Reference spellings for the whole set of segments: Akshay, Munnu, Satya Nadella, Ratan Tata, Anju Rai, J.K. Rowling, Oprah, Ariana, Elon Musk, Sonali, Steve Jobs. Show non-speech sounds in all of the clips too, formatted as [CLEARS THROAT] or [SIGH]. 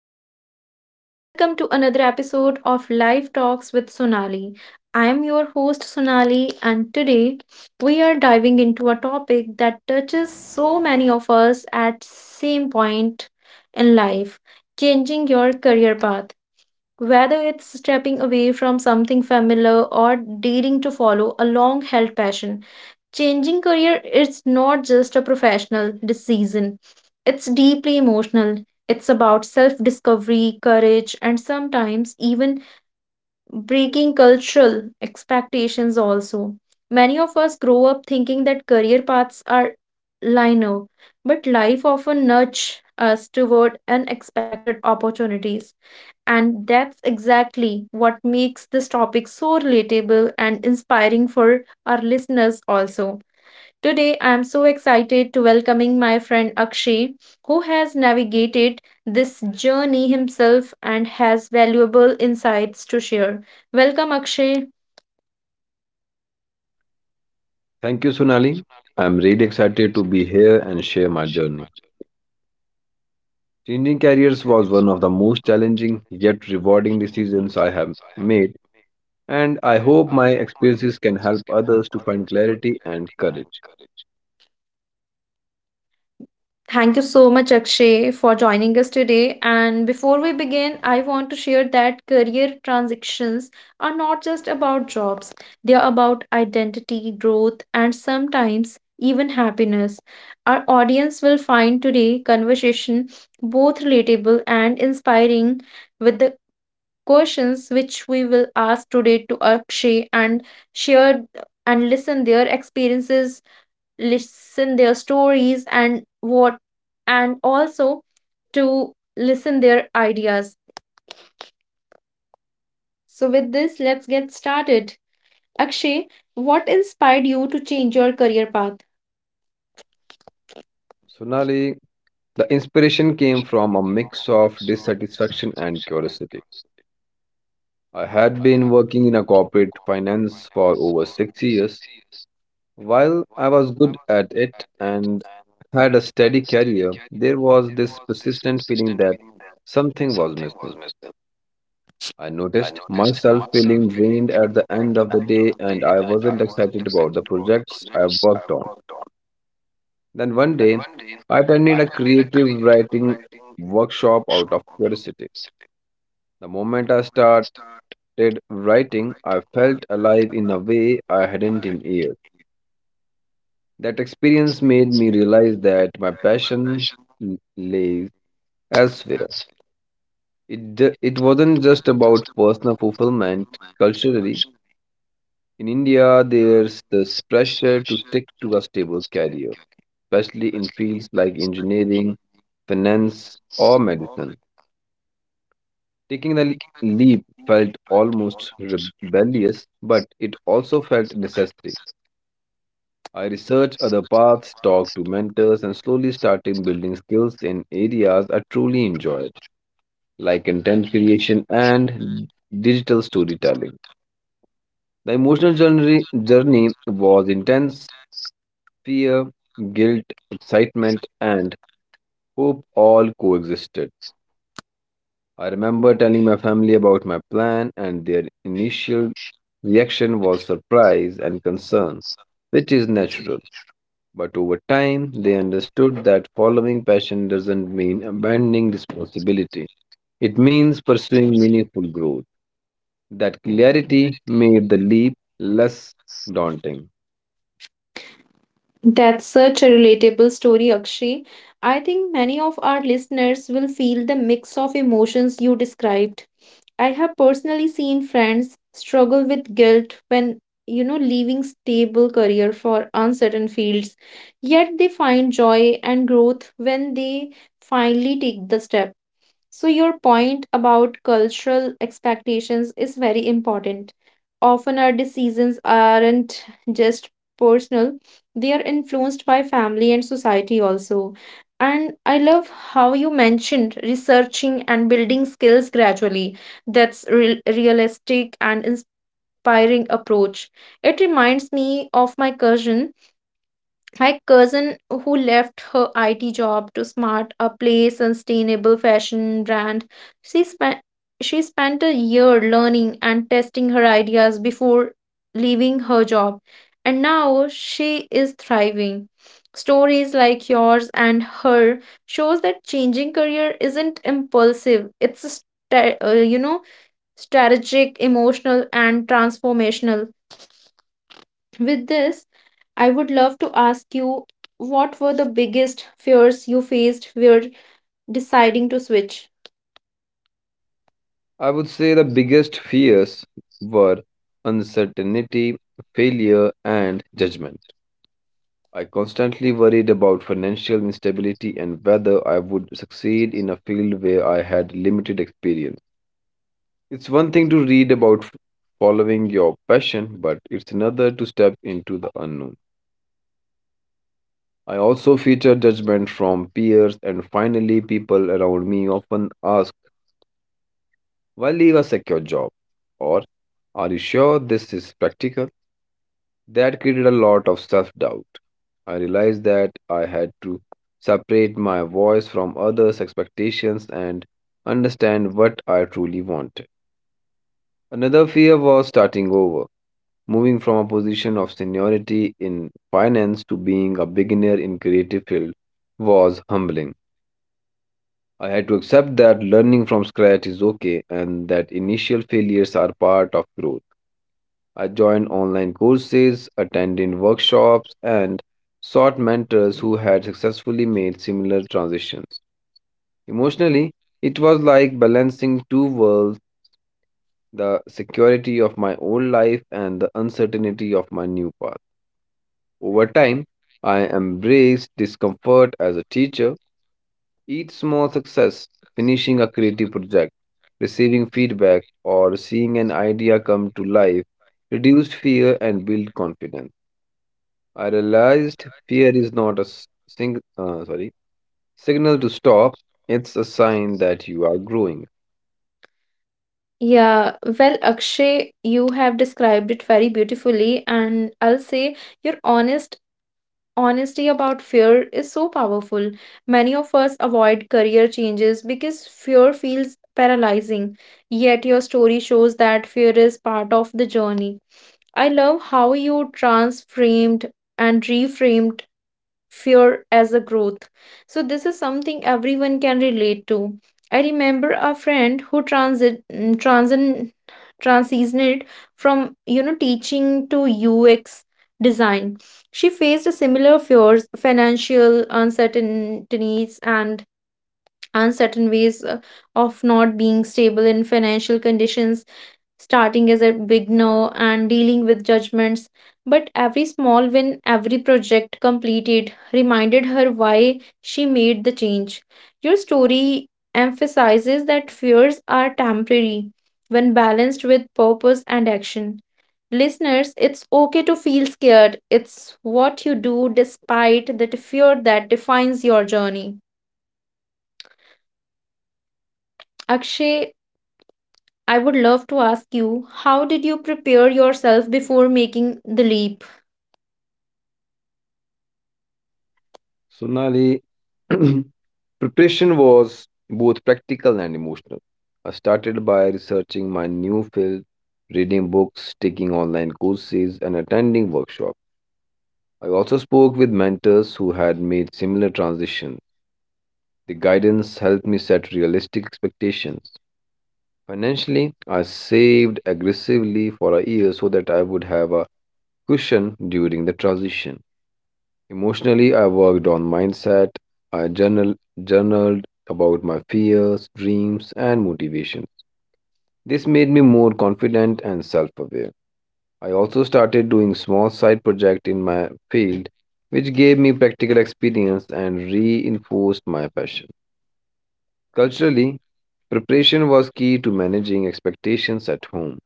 listeners, and welcome to another episode of Live Talks with Sonali. I am your host, Sonali, and today we are diving into a topic that touches so many of us at same point in life changing your career path. Whether it's stepping away from something familiar or daring to follow a long held passion. Changing career is not just a professional decision, it's deeply emotional. It's about self discovery, courage, and sometimes even breaking cultural expectations. Also, many of us grow up thinking that career paths are linear, but life often nudges us toward unexpected opportunities. And that's exactly what makes this topic so relatable and inspiring for our listeners, also. Today, I am so excited to welcoming my friend Akshay, who has navigated this journey himself and has valuable insights to share. Welcome, Akshay. Thank you, Sonali. I'm really excited to be here and share my journey. Changing careers was one of the most challenging yet rewarding decisions I have made, and I hope my experiences can help others to find clarity and courage. Thank you so much, Akshay, for joining us today. And before we begin, I want to share that career transitions are not just about jobs, they are about identity, growth, and sometimes even happiness. Our audience will find today' conversation both relatable and inspiring with the questions which we will ask today to Akshay and share and listen their experiences listen their stories and what and also to listen their ideas. So with this, let's get started. Akshay, what inspired you to change your career path? Sonali, the inspiration came from a mix of dissatisfaction and curiosity. I had been working in a corporate finance for over 6 years. While I was good at it and had a steady career, there was this persistent feeling that something was missing. I noticed myself feeling drained at the end of the day and I wasn't excited about the projects I worked on. Then one day, I attended a creative writing workshop out of curiosity. The moment I started writing, I felt alive in a way I hadn't in years. That experience made me realize that my passion lays elsewhere. It wasn't just about personal fulfillment culturally. In India, there's this pressure to stick to a stable career, especially in fields like engineering, finance, or medicine. Taking the leap felt almost rebellious, but it also felt necessary. I research other paths, talk to mentors, and slowly starting building skills in areas I truly enjoyed, like content creation and digital storytelling. The emotional journey was intense. Fear, guilt, excitement, and hope all coexisted. I remember telling my family about my plan, and their initial reaction was surprise and concern, which is natural. But over time, they understood that following passion doesn't mean abandoning responsibility. It means pursuing meaningful growth. That clarity made the leap less daunting. That's such a relatable story, Akshay. I think many of our listeners will feel the mix of emotions you described. I have personally seen friends struggle with guilt when, leaving stable career for uncertain fields, yet they find joy and growth when they finally take the step. So, your point about cultural expectations is very important. Often, our decisions aren't just personal, they are influenced by family and society also. And I love how you mentioned researching and building skills gradually. That's real realistic and inspiring approach. It reminds me of my cousin, who left her IT job to start a play sustainable fashion brand, she spent she spent a year learning and testing her ideas before leaving her job, and now she is thriving. Stories like yours and her shows that changing career isn't impulsive. It's a strategic, emotional, and transformational. With this, I would love to ask you what were the biggest fears you faced when deciding to switch? I would say the biggest fears were uncertainty, failure, and judgment. I constantly worried about financial instability and whether I would succeed in a field where I had limited experience. It's one thing to read about following your passion, but it's another to step into the unknown. I also feature judgment from peers, and finally, people around me often ask, "Why leave a secure job?" Or, "Are you sure this is practical?" That created a lot of self doubt. I realized that I had to separate my voice from others' expectations and understand what I truly wanted. Another fear was starting over. Moving from a position of seniority in finance to being a beginner in creative field was humbling. I had to accept that learning from scratch is okay and that initial failures are part of growth. I joined online courses, attended workshops, and sought mentors who had successfully made similar transitions. Emotionally, it was like balancing two worlds, the security of my old life and the uncertainty of my new path. Over time, I embraced discomfort as a teacher, each small success, finishing a creative project, receiving feedback, or seeing an idea come to life, reduced fear and built confidence. I realized fear is not a signal to stop, it's a sign that you are growing. Yeah, well, Akshay, you have described it very beautifully, and I'll say your honesty about fear is so powerful. Many of us avoid career changes because fear feels paralyzing, yet your story shows that fear is part of the journey. I love how you transframed and reframed fear as a growth. So, this is something everyone can relate to. I remember a friend who transitioned from teaching to UX design. She faced similar fears, financial uncertainties, and uncertain ways of not being stable in financial conditions starting as a beginner and dealing with judgments. But every small win, every project completed reminded her why she made the change. Your story emphasizes that fears are temporary when balanced with purpose and action. Listeners, it's okay to feel scared. It's what you do despite that fear that defines your journey. Akshay, I would love to ask you how did you prepare yourself before making the leap? Sonali, [CLEARS THROAT] preparation was both practical and emotional. I started by researching my new field, reading books, taking online courses, and attending workshops. I also spoke with mentors who had made similar transitions. The guidance helped me set realistic expectations. Financially, I saved aggressively for a year so that I would have a cushion during the transition. Emotionally, I worked on mindset. I journal, journaled about my fears, dreams, and motivations. This made me more confident and self aware. I also started doing small side projects in my field, which gave me practical experience and reinforced my passion. Culturally, preparation was key to managing expectations at home.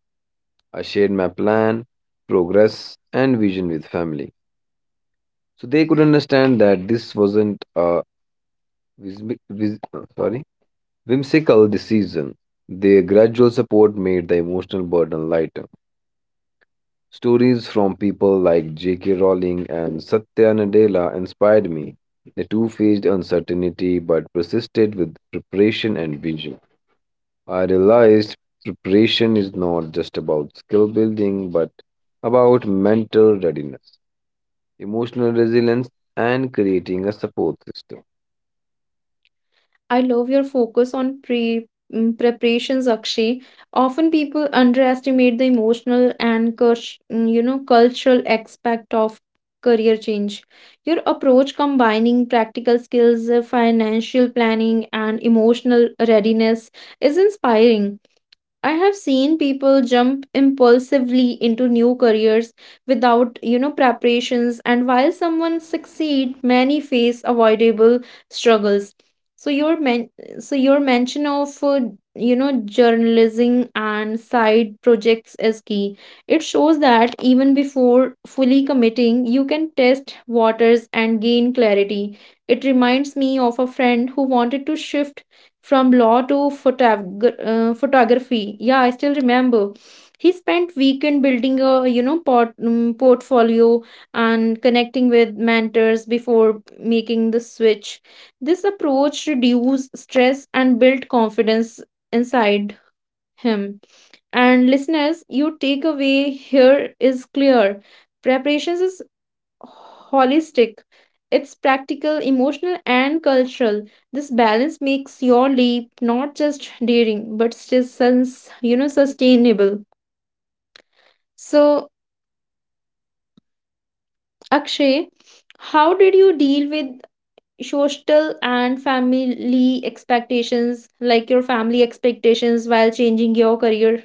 I shared my plan, progress, and vision with family, so they could understand that this wasn't a Vis- vis- uh, sorry, whimsical this season. Their gradual support made the emotional burden lighter. Stories from people like J.K. Rowling and Satya Nadella inspired me. The two faced uncertainty but persisted with preparation and vision. I realized preparation is not just about skill building but about mental readiness, emotional resilience, and creating a support system. I love your focus on preparations, Akshay. Often people underestimate the emotional and cultural aspect of career change. Your approach combining practical skills, financial planning, and emotional readiness is inspiring. I have seen people jump impulsively into new careers without, preparations, and while someone succeed, many face avoidable struggles. So your mention of journalism and side projects is key. It shows that even before fully committing, you can test waters and gain clarity. It reminds me of a friend who wanted to shift from law to photog- photography. Yeah, I still remember he spent weekend building a portfolio and connecting with mentors before making the switch. This approach reduced stress and built confidence inside him. And listeners you take away here is clear, preparations is holistic. It's practical, emotional, and cultural. This balance makes your leap not just daring, but still sustainable. So, Akshay, how did you deal with social and family expectations, like your family expectations, while changing your career?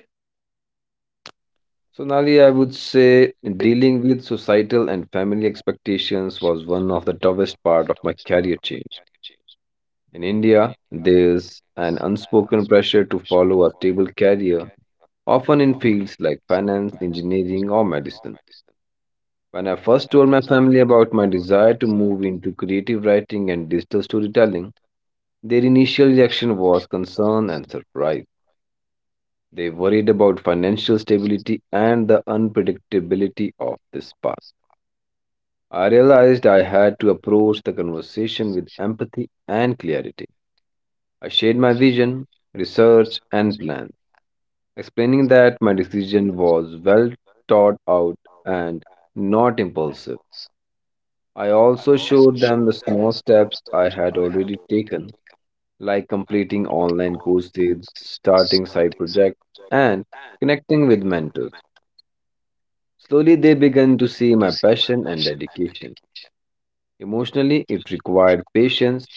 Sonali, I would say dealing with societal and family expectations was one of the toughest part of my career change. In India, there's an unspoken pressure to follow a stable career, often in fields like finance, engineering, or medicine. When I first told my family about my desire to move into creative writing and digital storytelling, their initial reaction was concern and surprise. They worried about financial stability and the unpredictability of this path. I realized I had to approach the conversation with empathy and clarity. I shared my vision, research, and plans, explaining that my decision was well thought out and not impulsive. I also showed them the small steps I had already taken, like completing online courses, starting side projects, and connecting with mentors. Slowly, they began to see my passion and dedication. Emotionally, it required patience.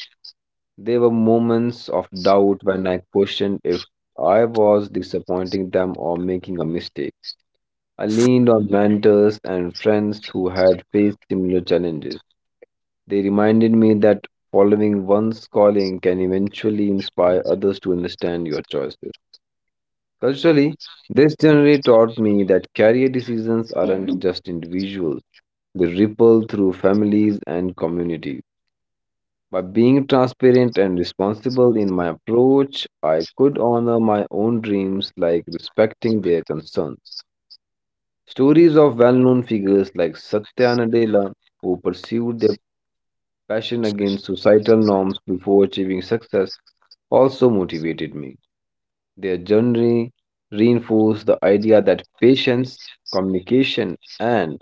There were moments of doubt when I questioned if I was disappointing them or making a mistake. I leaned on mentors and friends who had faced similar challenges. They reminded me that following one's calling can eventually inspire others to understand your choices. Culturally, this journey taught me that career decisions aren't just individuals; they ripple through families and communities. By being transparent and responsible in my approach, I could honor my own dreams like respecting their concerns. Stories of well known figures like Satya Nadella, who pursued their passion against societal norms before achieving success, also motivated me. Their journey reinforced the idea that patience, communication, and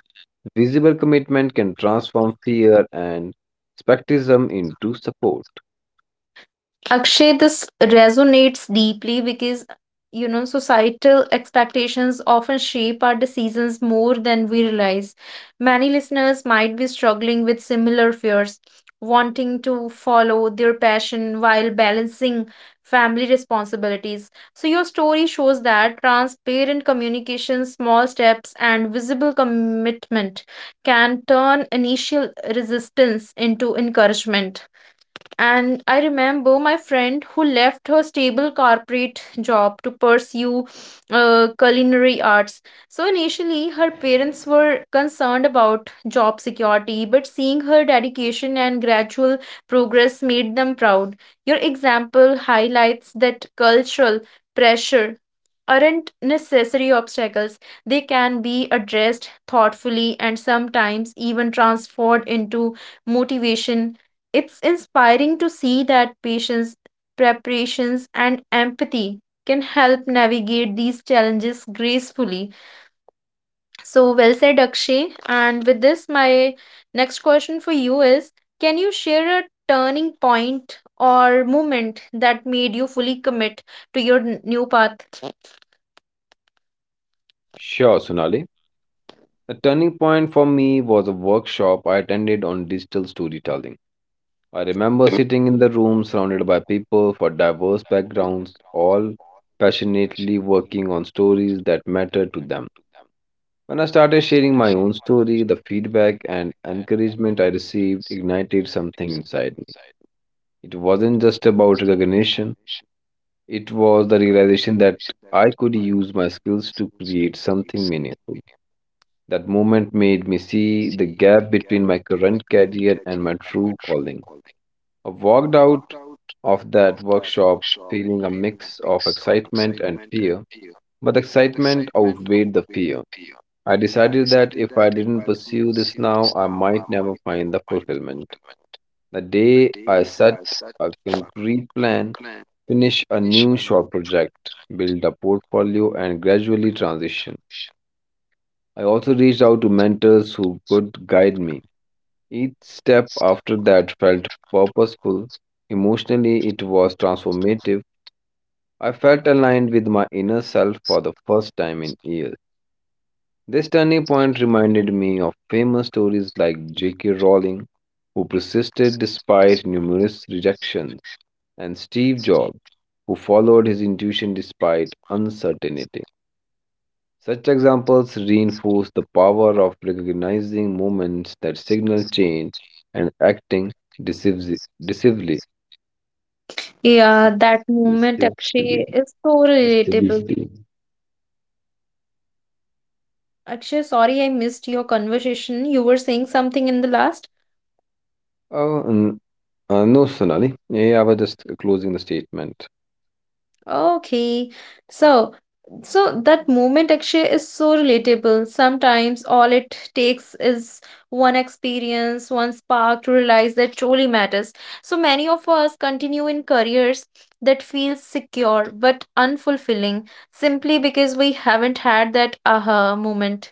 visible commitment can transform fear and skepticism into support. Akshay, this resonates deeply because, societal expectations often shape our decisions more than we realize. Many listeners might be struggling with similar fears, wanting to follow their passion while balancing family responsibilities. So, your story shows that transparent communication, small steps, and visible commitment can turn initial resistance into encouragement. And I remember my friend who left her stable corporate job to pursue culinary arts. So initially, her parents were concerned about job security, but seeing her dedication and gradual progress made them proud. Your example highlights that cultural pressure aren't necessary obstacles, they can be addressed thoughtfully and sometimes even transformed into motivation. It's inspiring to see that patience, preparations, and empathy can help navigate these challenges gracefully. So, well said, Akshay. And with this, my next question for you is, can you share a turning point or moment that made you fully commit to your new path? Sure, Sonali. The turning point for me was a workshop I attended on digital storytelling. I remember sitting in the room surrounded by people from diverse backgrounds, all passionately working on stories that mattered to them. When I started sharing my own story, the feedback and encouragement I received ignited something inside me. It wasn't just about recognition, it was the realization that I could use my skills to create something meaningful. That moment made me see the gap between my current career and my true calling. I walked out of that workshop feeling a mix of excitement and fear, but the excitement outweighed the fear. I decided that if I didn't pursue this now, I might never find the fulfillment. The day I set a concrete plan, finish a new short project, build a portfolio, and gradually transition. I also reached out to mentors who could guide me. Each step after that felt purposeful. Emotionally, it was transformative. I felt aligned with my inner self for the first time in years. This turning point reminded me of famous stories like J.K. Rowling, who persisted despite numerous rejections, and Steve Jobs, who followed his intuition despite uncertainty. Such examples reinforce the power of recognizing moments that signal change and acting decisively. decisively. Yeah, that moment, decisively- Akshay, is so relatable. decisively. Akshay, sorry I missed your conversation. You were saying something in the last? Oh, n- no, Sonali. Yeah, I was just closing the statement. Okay. So, so that moment, Akshay, is so relatable. Sometimes all it takes is one experience, one spark to realize that truly matters. So many of us continue in careers that feel secure but unfulfilling simply because we haven't had that aha moment.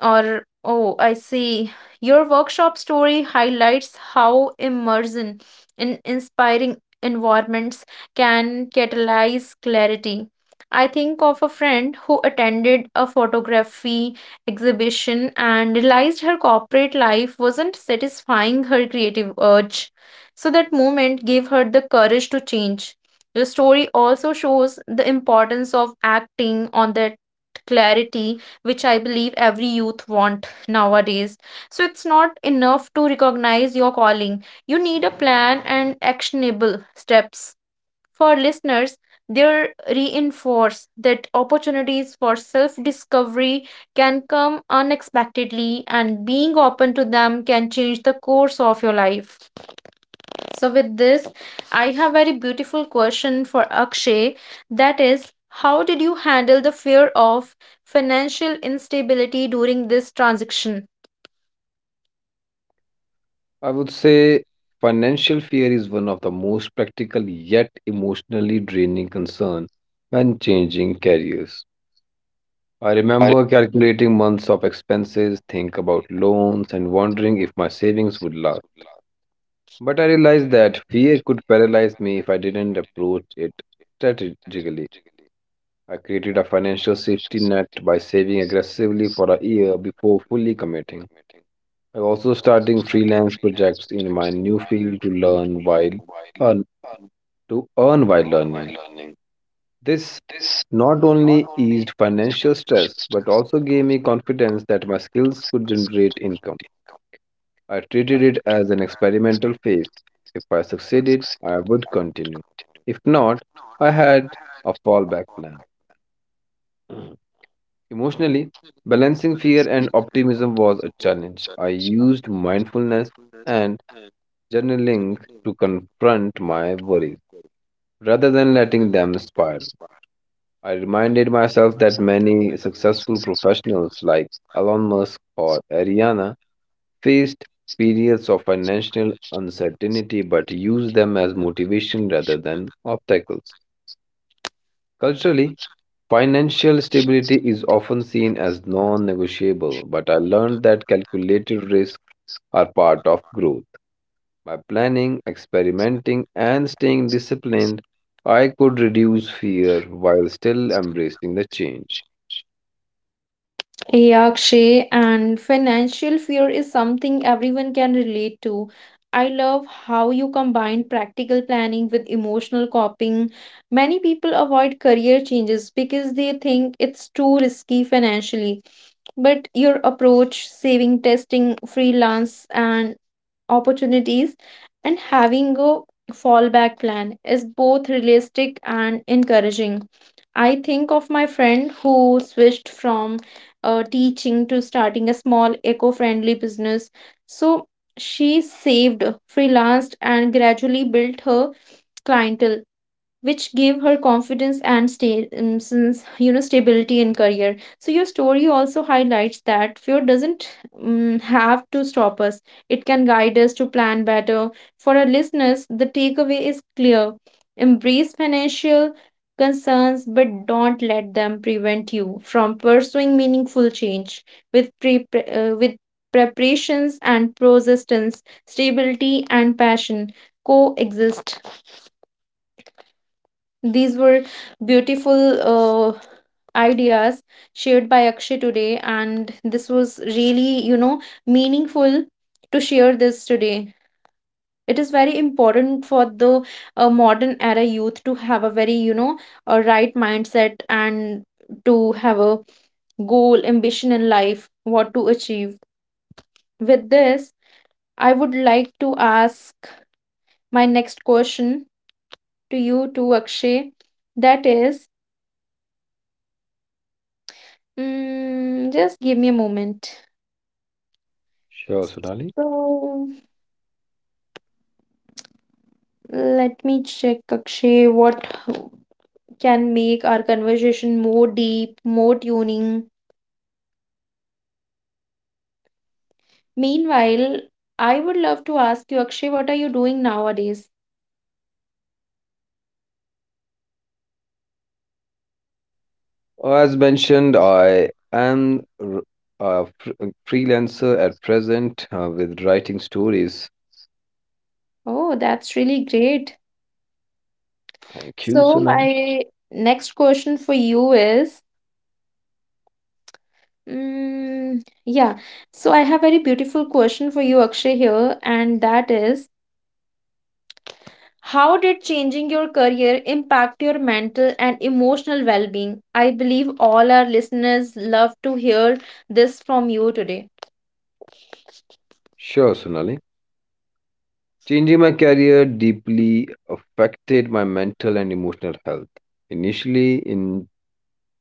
Or, oh, I see. Your workshop story highlights how immersion in inspiring environments can catalyze clarity. I think of a friend who attended a photography exhibition and realized her corporate life wasn't satisfying her creative urge. So that moment gave her the courage to change. Your story also shows the importance of acting on that clarity, which I believe every youth want nowadays. So it's not enough to recognize your calling. You need a plan and actionable steps. For listeners, they reinforce that opportunities for self discovery can come unexpectedly, and being open to them can change the course of your life. So with this, I have very beautiful question for Akshay. That is, how did you handle the fear of financial instability during this transaction? I would say financial fear is one of the most practical yet emotionally draining concern when changing careers. I remember calculating months of expenses, think about loans, and wondering if my savings would last. But I realized that fear could paralyze me if I didn't approach it strategically. I created a financial safety net by saving aggressively for a year before fully committing. I also starting freelance projects in my new field to earn, to earn while learning. This not only eased financial stress but also gave me confidence that my skills could generate income. I treated it as an experimental phase. If I succeeded, I would continue. If not, I had a fallback plan. Emotionally, balancing fear and optimism was a challenge. I used mindfulness and journaling to confront my worries rather than letting them spiral. I reminded myself that many successful professionals like Elon Musk or Ariana faced periods of financial uncertainty but used them as motivation rather than obstacles. Culturally, financial stability is often seen as non negotiable, but I learned that calculated risks are part of growth. By planning, experimenting, and staying disciplined, I could reduce fear while still embracing the change. Yeah, Akshay, and financial fear is something everyone can relate to. I love how you combine practical planning with emotional coping. Many people avoid career changes because they think it's too risky financially, but your approach saving testing freelance and opportunities and having a fallback plan is both realistic and encouraging. I think of my friend who switched from teaching to starting a small eco friendly business. So she saved, freelanced, and gradually built her clientele which gave her confidence and sta- since you know stability in career. So your story also highlights that fear doesn't have to stop us, it can guide us to plan better. For our listeners the takeaway is clear, embrace financial concerns but don't let them prevent you from pursuing meaningful change with preparations and persistence, stability and passion coexist. These were beautiful ideas shared by Akshay today, and this was really, meaningful to share this today. It is very important for the modern era youth to have a very, a right mindset and to have a goal, ambition in life, what to achieve. With this, I would like to ask my next question to you, to Akshay. That is, mm, just give me a moment. Sure, Sonali. So let me check, Akshay, what can make our conversation more deep, more tuning. Meanwhile, I would love to ask you, Akshay, what are you doing nowadays? As mentioned, I am r- a fr- a freelancer at present with writing stories. Oh, that's really great. Thank you, So Sonali. my next question for you is, yeah. So I have very beautiful question for you, Akshay, here, and that is, how did changing your career impact your mental and emotional well being? I believe all our listeners love to hear this from you today. Sure, Sonali. Changing my career deeply affected my mental and emotional health, initially in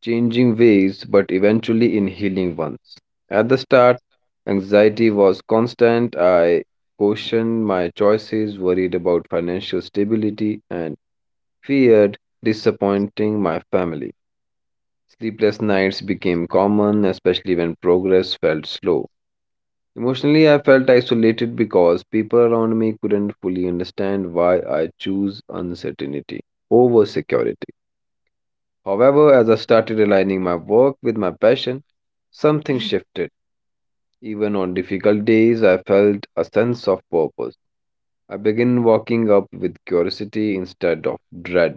changing ways, but eventually in healing ones. At the start, anxiety was constant. I questioned my choices, worried about financial stability, and feared disappointing my family. Sleepless nights became common, especially when progress felt slow. Emotionally, I felt isolated because people around me couldn't fully understand why I choose uncertainty over security. However, as I started aligning my work with my passion, something [LAUGHS] shifted. Even on difficult days, I felt a sense of purpose. I began walking up with curiosity instead of dread.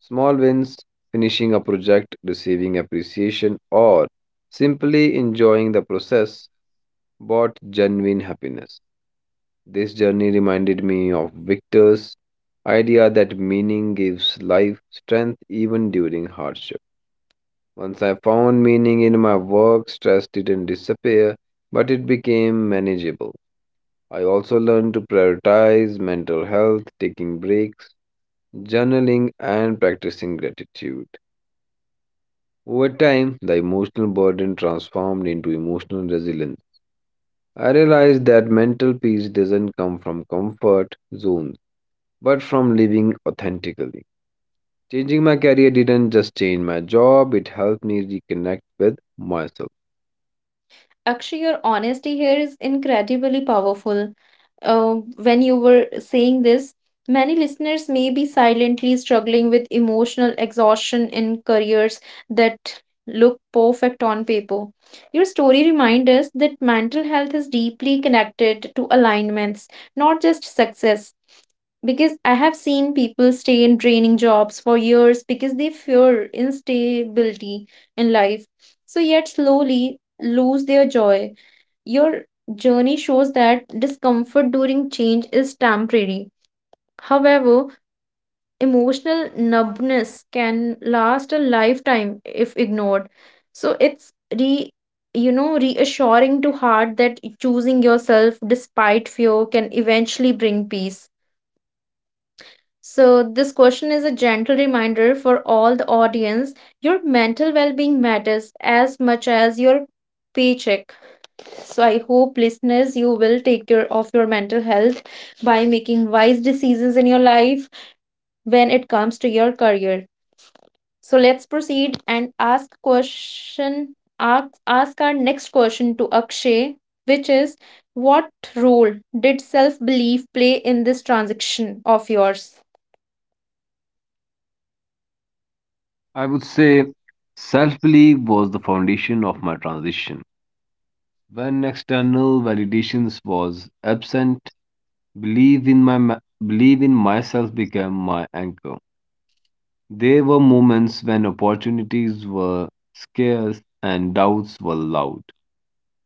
Small wins, finishing a project, receiving appreciation, or simply enjoying the process brought genuine happiness. This journey reminded me of Victor's idea that meaning gives life strength even during hardship. Once I found meaning in my work, stress didn't disappear, but it became manageable. I also learned to prioritize mental health, taking breaks, journaling, and practicing gratitude. Over time, the emotional burden transformed into emotional resilience. I realized that mental peace doesn't come from comfort zones, but from living authentically. Changing my career didn't just change my job, it helped me reconnect with myself. Actually, your honesty here is incredibly powerful. When you were saying this, many listeners may be silently struggling with emotional exhaustion in careers that look perfect on paper. Your story reminds us that mental health is deeply connected to alignments, not just success. Because I have seen people stay in draining jobs for years because they fear instability in life. So, yet slowly lose their joy. Your journey shows that discomfort during change is temporary. However, emotional numbness can last a lifetime if ignored. So it's re you know reassuring to heart that choosing yourself despite fear can eventually bring peace. So this question is a gentle reminder for all the audience. Your mental well-being matters as much as your paycheck. So I hope listeners you will take care of your mental health by making wise decisions in your life when it comes to your career. So let's proceed and ask question ask our next question to Akshay, which is what role did self belief play in this transaction of yours? I would say self belief was the foundation of my transition. When external validations was absent, believe in my ma- believe in myself became my anchor. There were moments when opportunities were scarce and doubts were loud.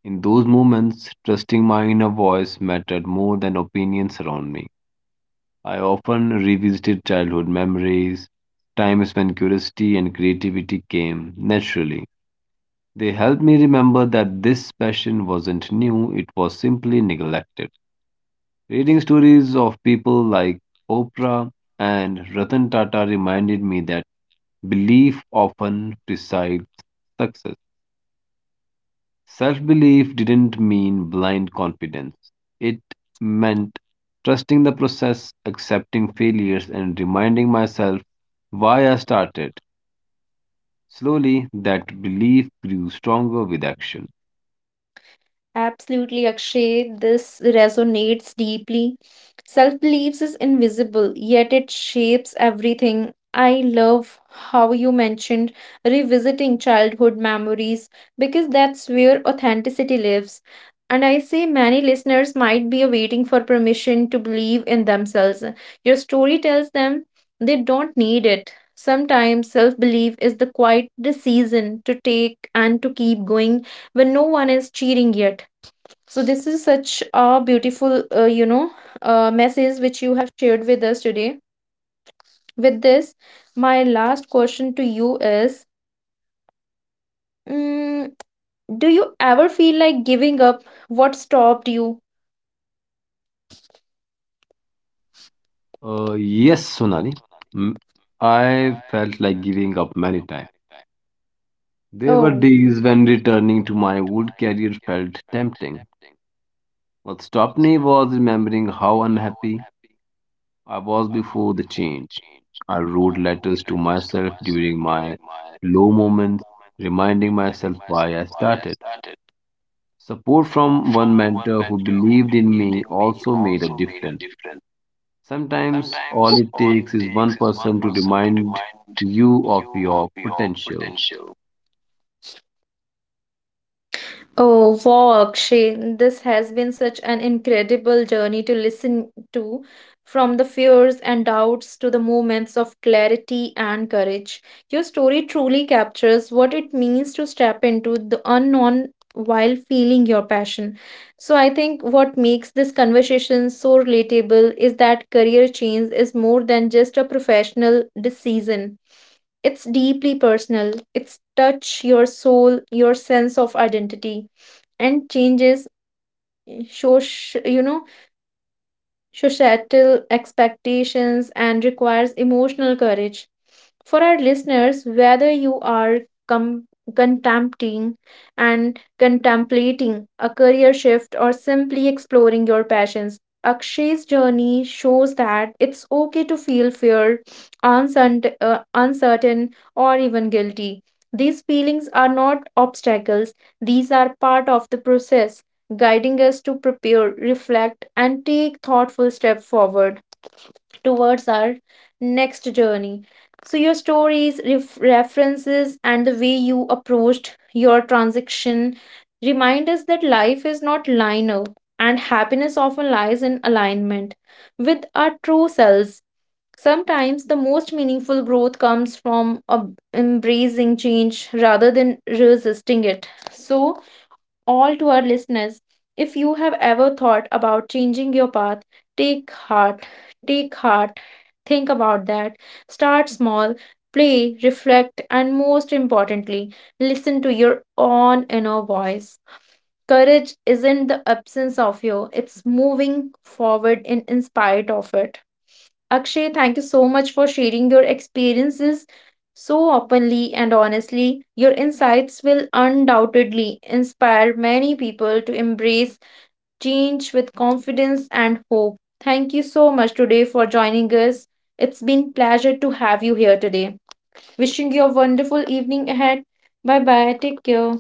In those moments, trusting my inner voice mattered more than opinions around me. I often revisited childhood memories, times when curiosity and creativity came naturally. They helped me remember that this passion wasn't new, it was simply neglected. Reading stories of people like Oprah and Ratan Tata reminded me that belief often precedes success. Self belief didn't mean blind confidence, it meant trusting the process, accepting failures, and reminding myself why I started. Slowly, that belief grew stronger with action. Absolutely, Akshay. This resonates deeply. Self beliefs is invisible, yet it shapes everything. I love how you mentioned revisiting childhood memories because that's where authenticity lives. And I say many listeners might be waiting for permission to believe in themselves. Your story tells them they don't need it. Sometimes self belief is the quiet decision to take and to keep going when no one is cheering yet. So this is such a beautiful, message which you have shared with us today. With this, my last question to you is: mm, do you ever feel like giving up? What stopped you? Yes, Sonali. Mm, I felt like giving up many times. There were Oh, days when returning to my old career felt tempting. What stopped me was remembering how unhappy I was before the change. I wrote letters to myself during my low moments, reminding myself why I started. Support from one mentor who believed in me also made a difference. Sometimes all it takes is one person to remind you of your potential. oh, wow, Akshay, this has been such an incredible journey to listen to, from the fears and doubts to the moments of clarity and courage. Your story truly captures what it means to step into the unknown while feeling your passion. So, I think what makes this conversation so relatable is that career change is more than just a professional decision, it's deeply personal, it's touch your soul, your sense of identity and changes social, societal expectations and requires emotional courage. For our listeners, whether you are com- contemplating contemplating a career shift or simply exploring your passions, Akshay's journey shows that it's okay to feel fear, uncertain or even guilty. These feelings are not obstacles, these are part of the process guiding us to prepare, reflect, and take thoughtful steps forward towards our next journey. So, your stories, references, and the way you approached your transaction remind us that life is not linear and happiness often lies in alignment with our true selves. Sometimes the most meaningful growth comes from embracing change rather than resisting it. So, all to our listeners. If you have ever thought about changing your path, take heart, take heart, think about that. Start small, play, reflect, and most importantly, listen to your own inner voice. Courage isn't the absence of you, it's moving forward in spite of it. Akshay, thank you so much for sharing your experiences so openly and honestly. Your insights will undoubtedly inspire many people to embrace change with confidence and hope. Thank you so much today for joining us. It's been pleasure to have you here today. Wishing you a wonderful evening ahead. Bye bye. Take care.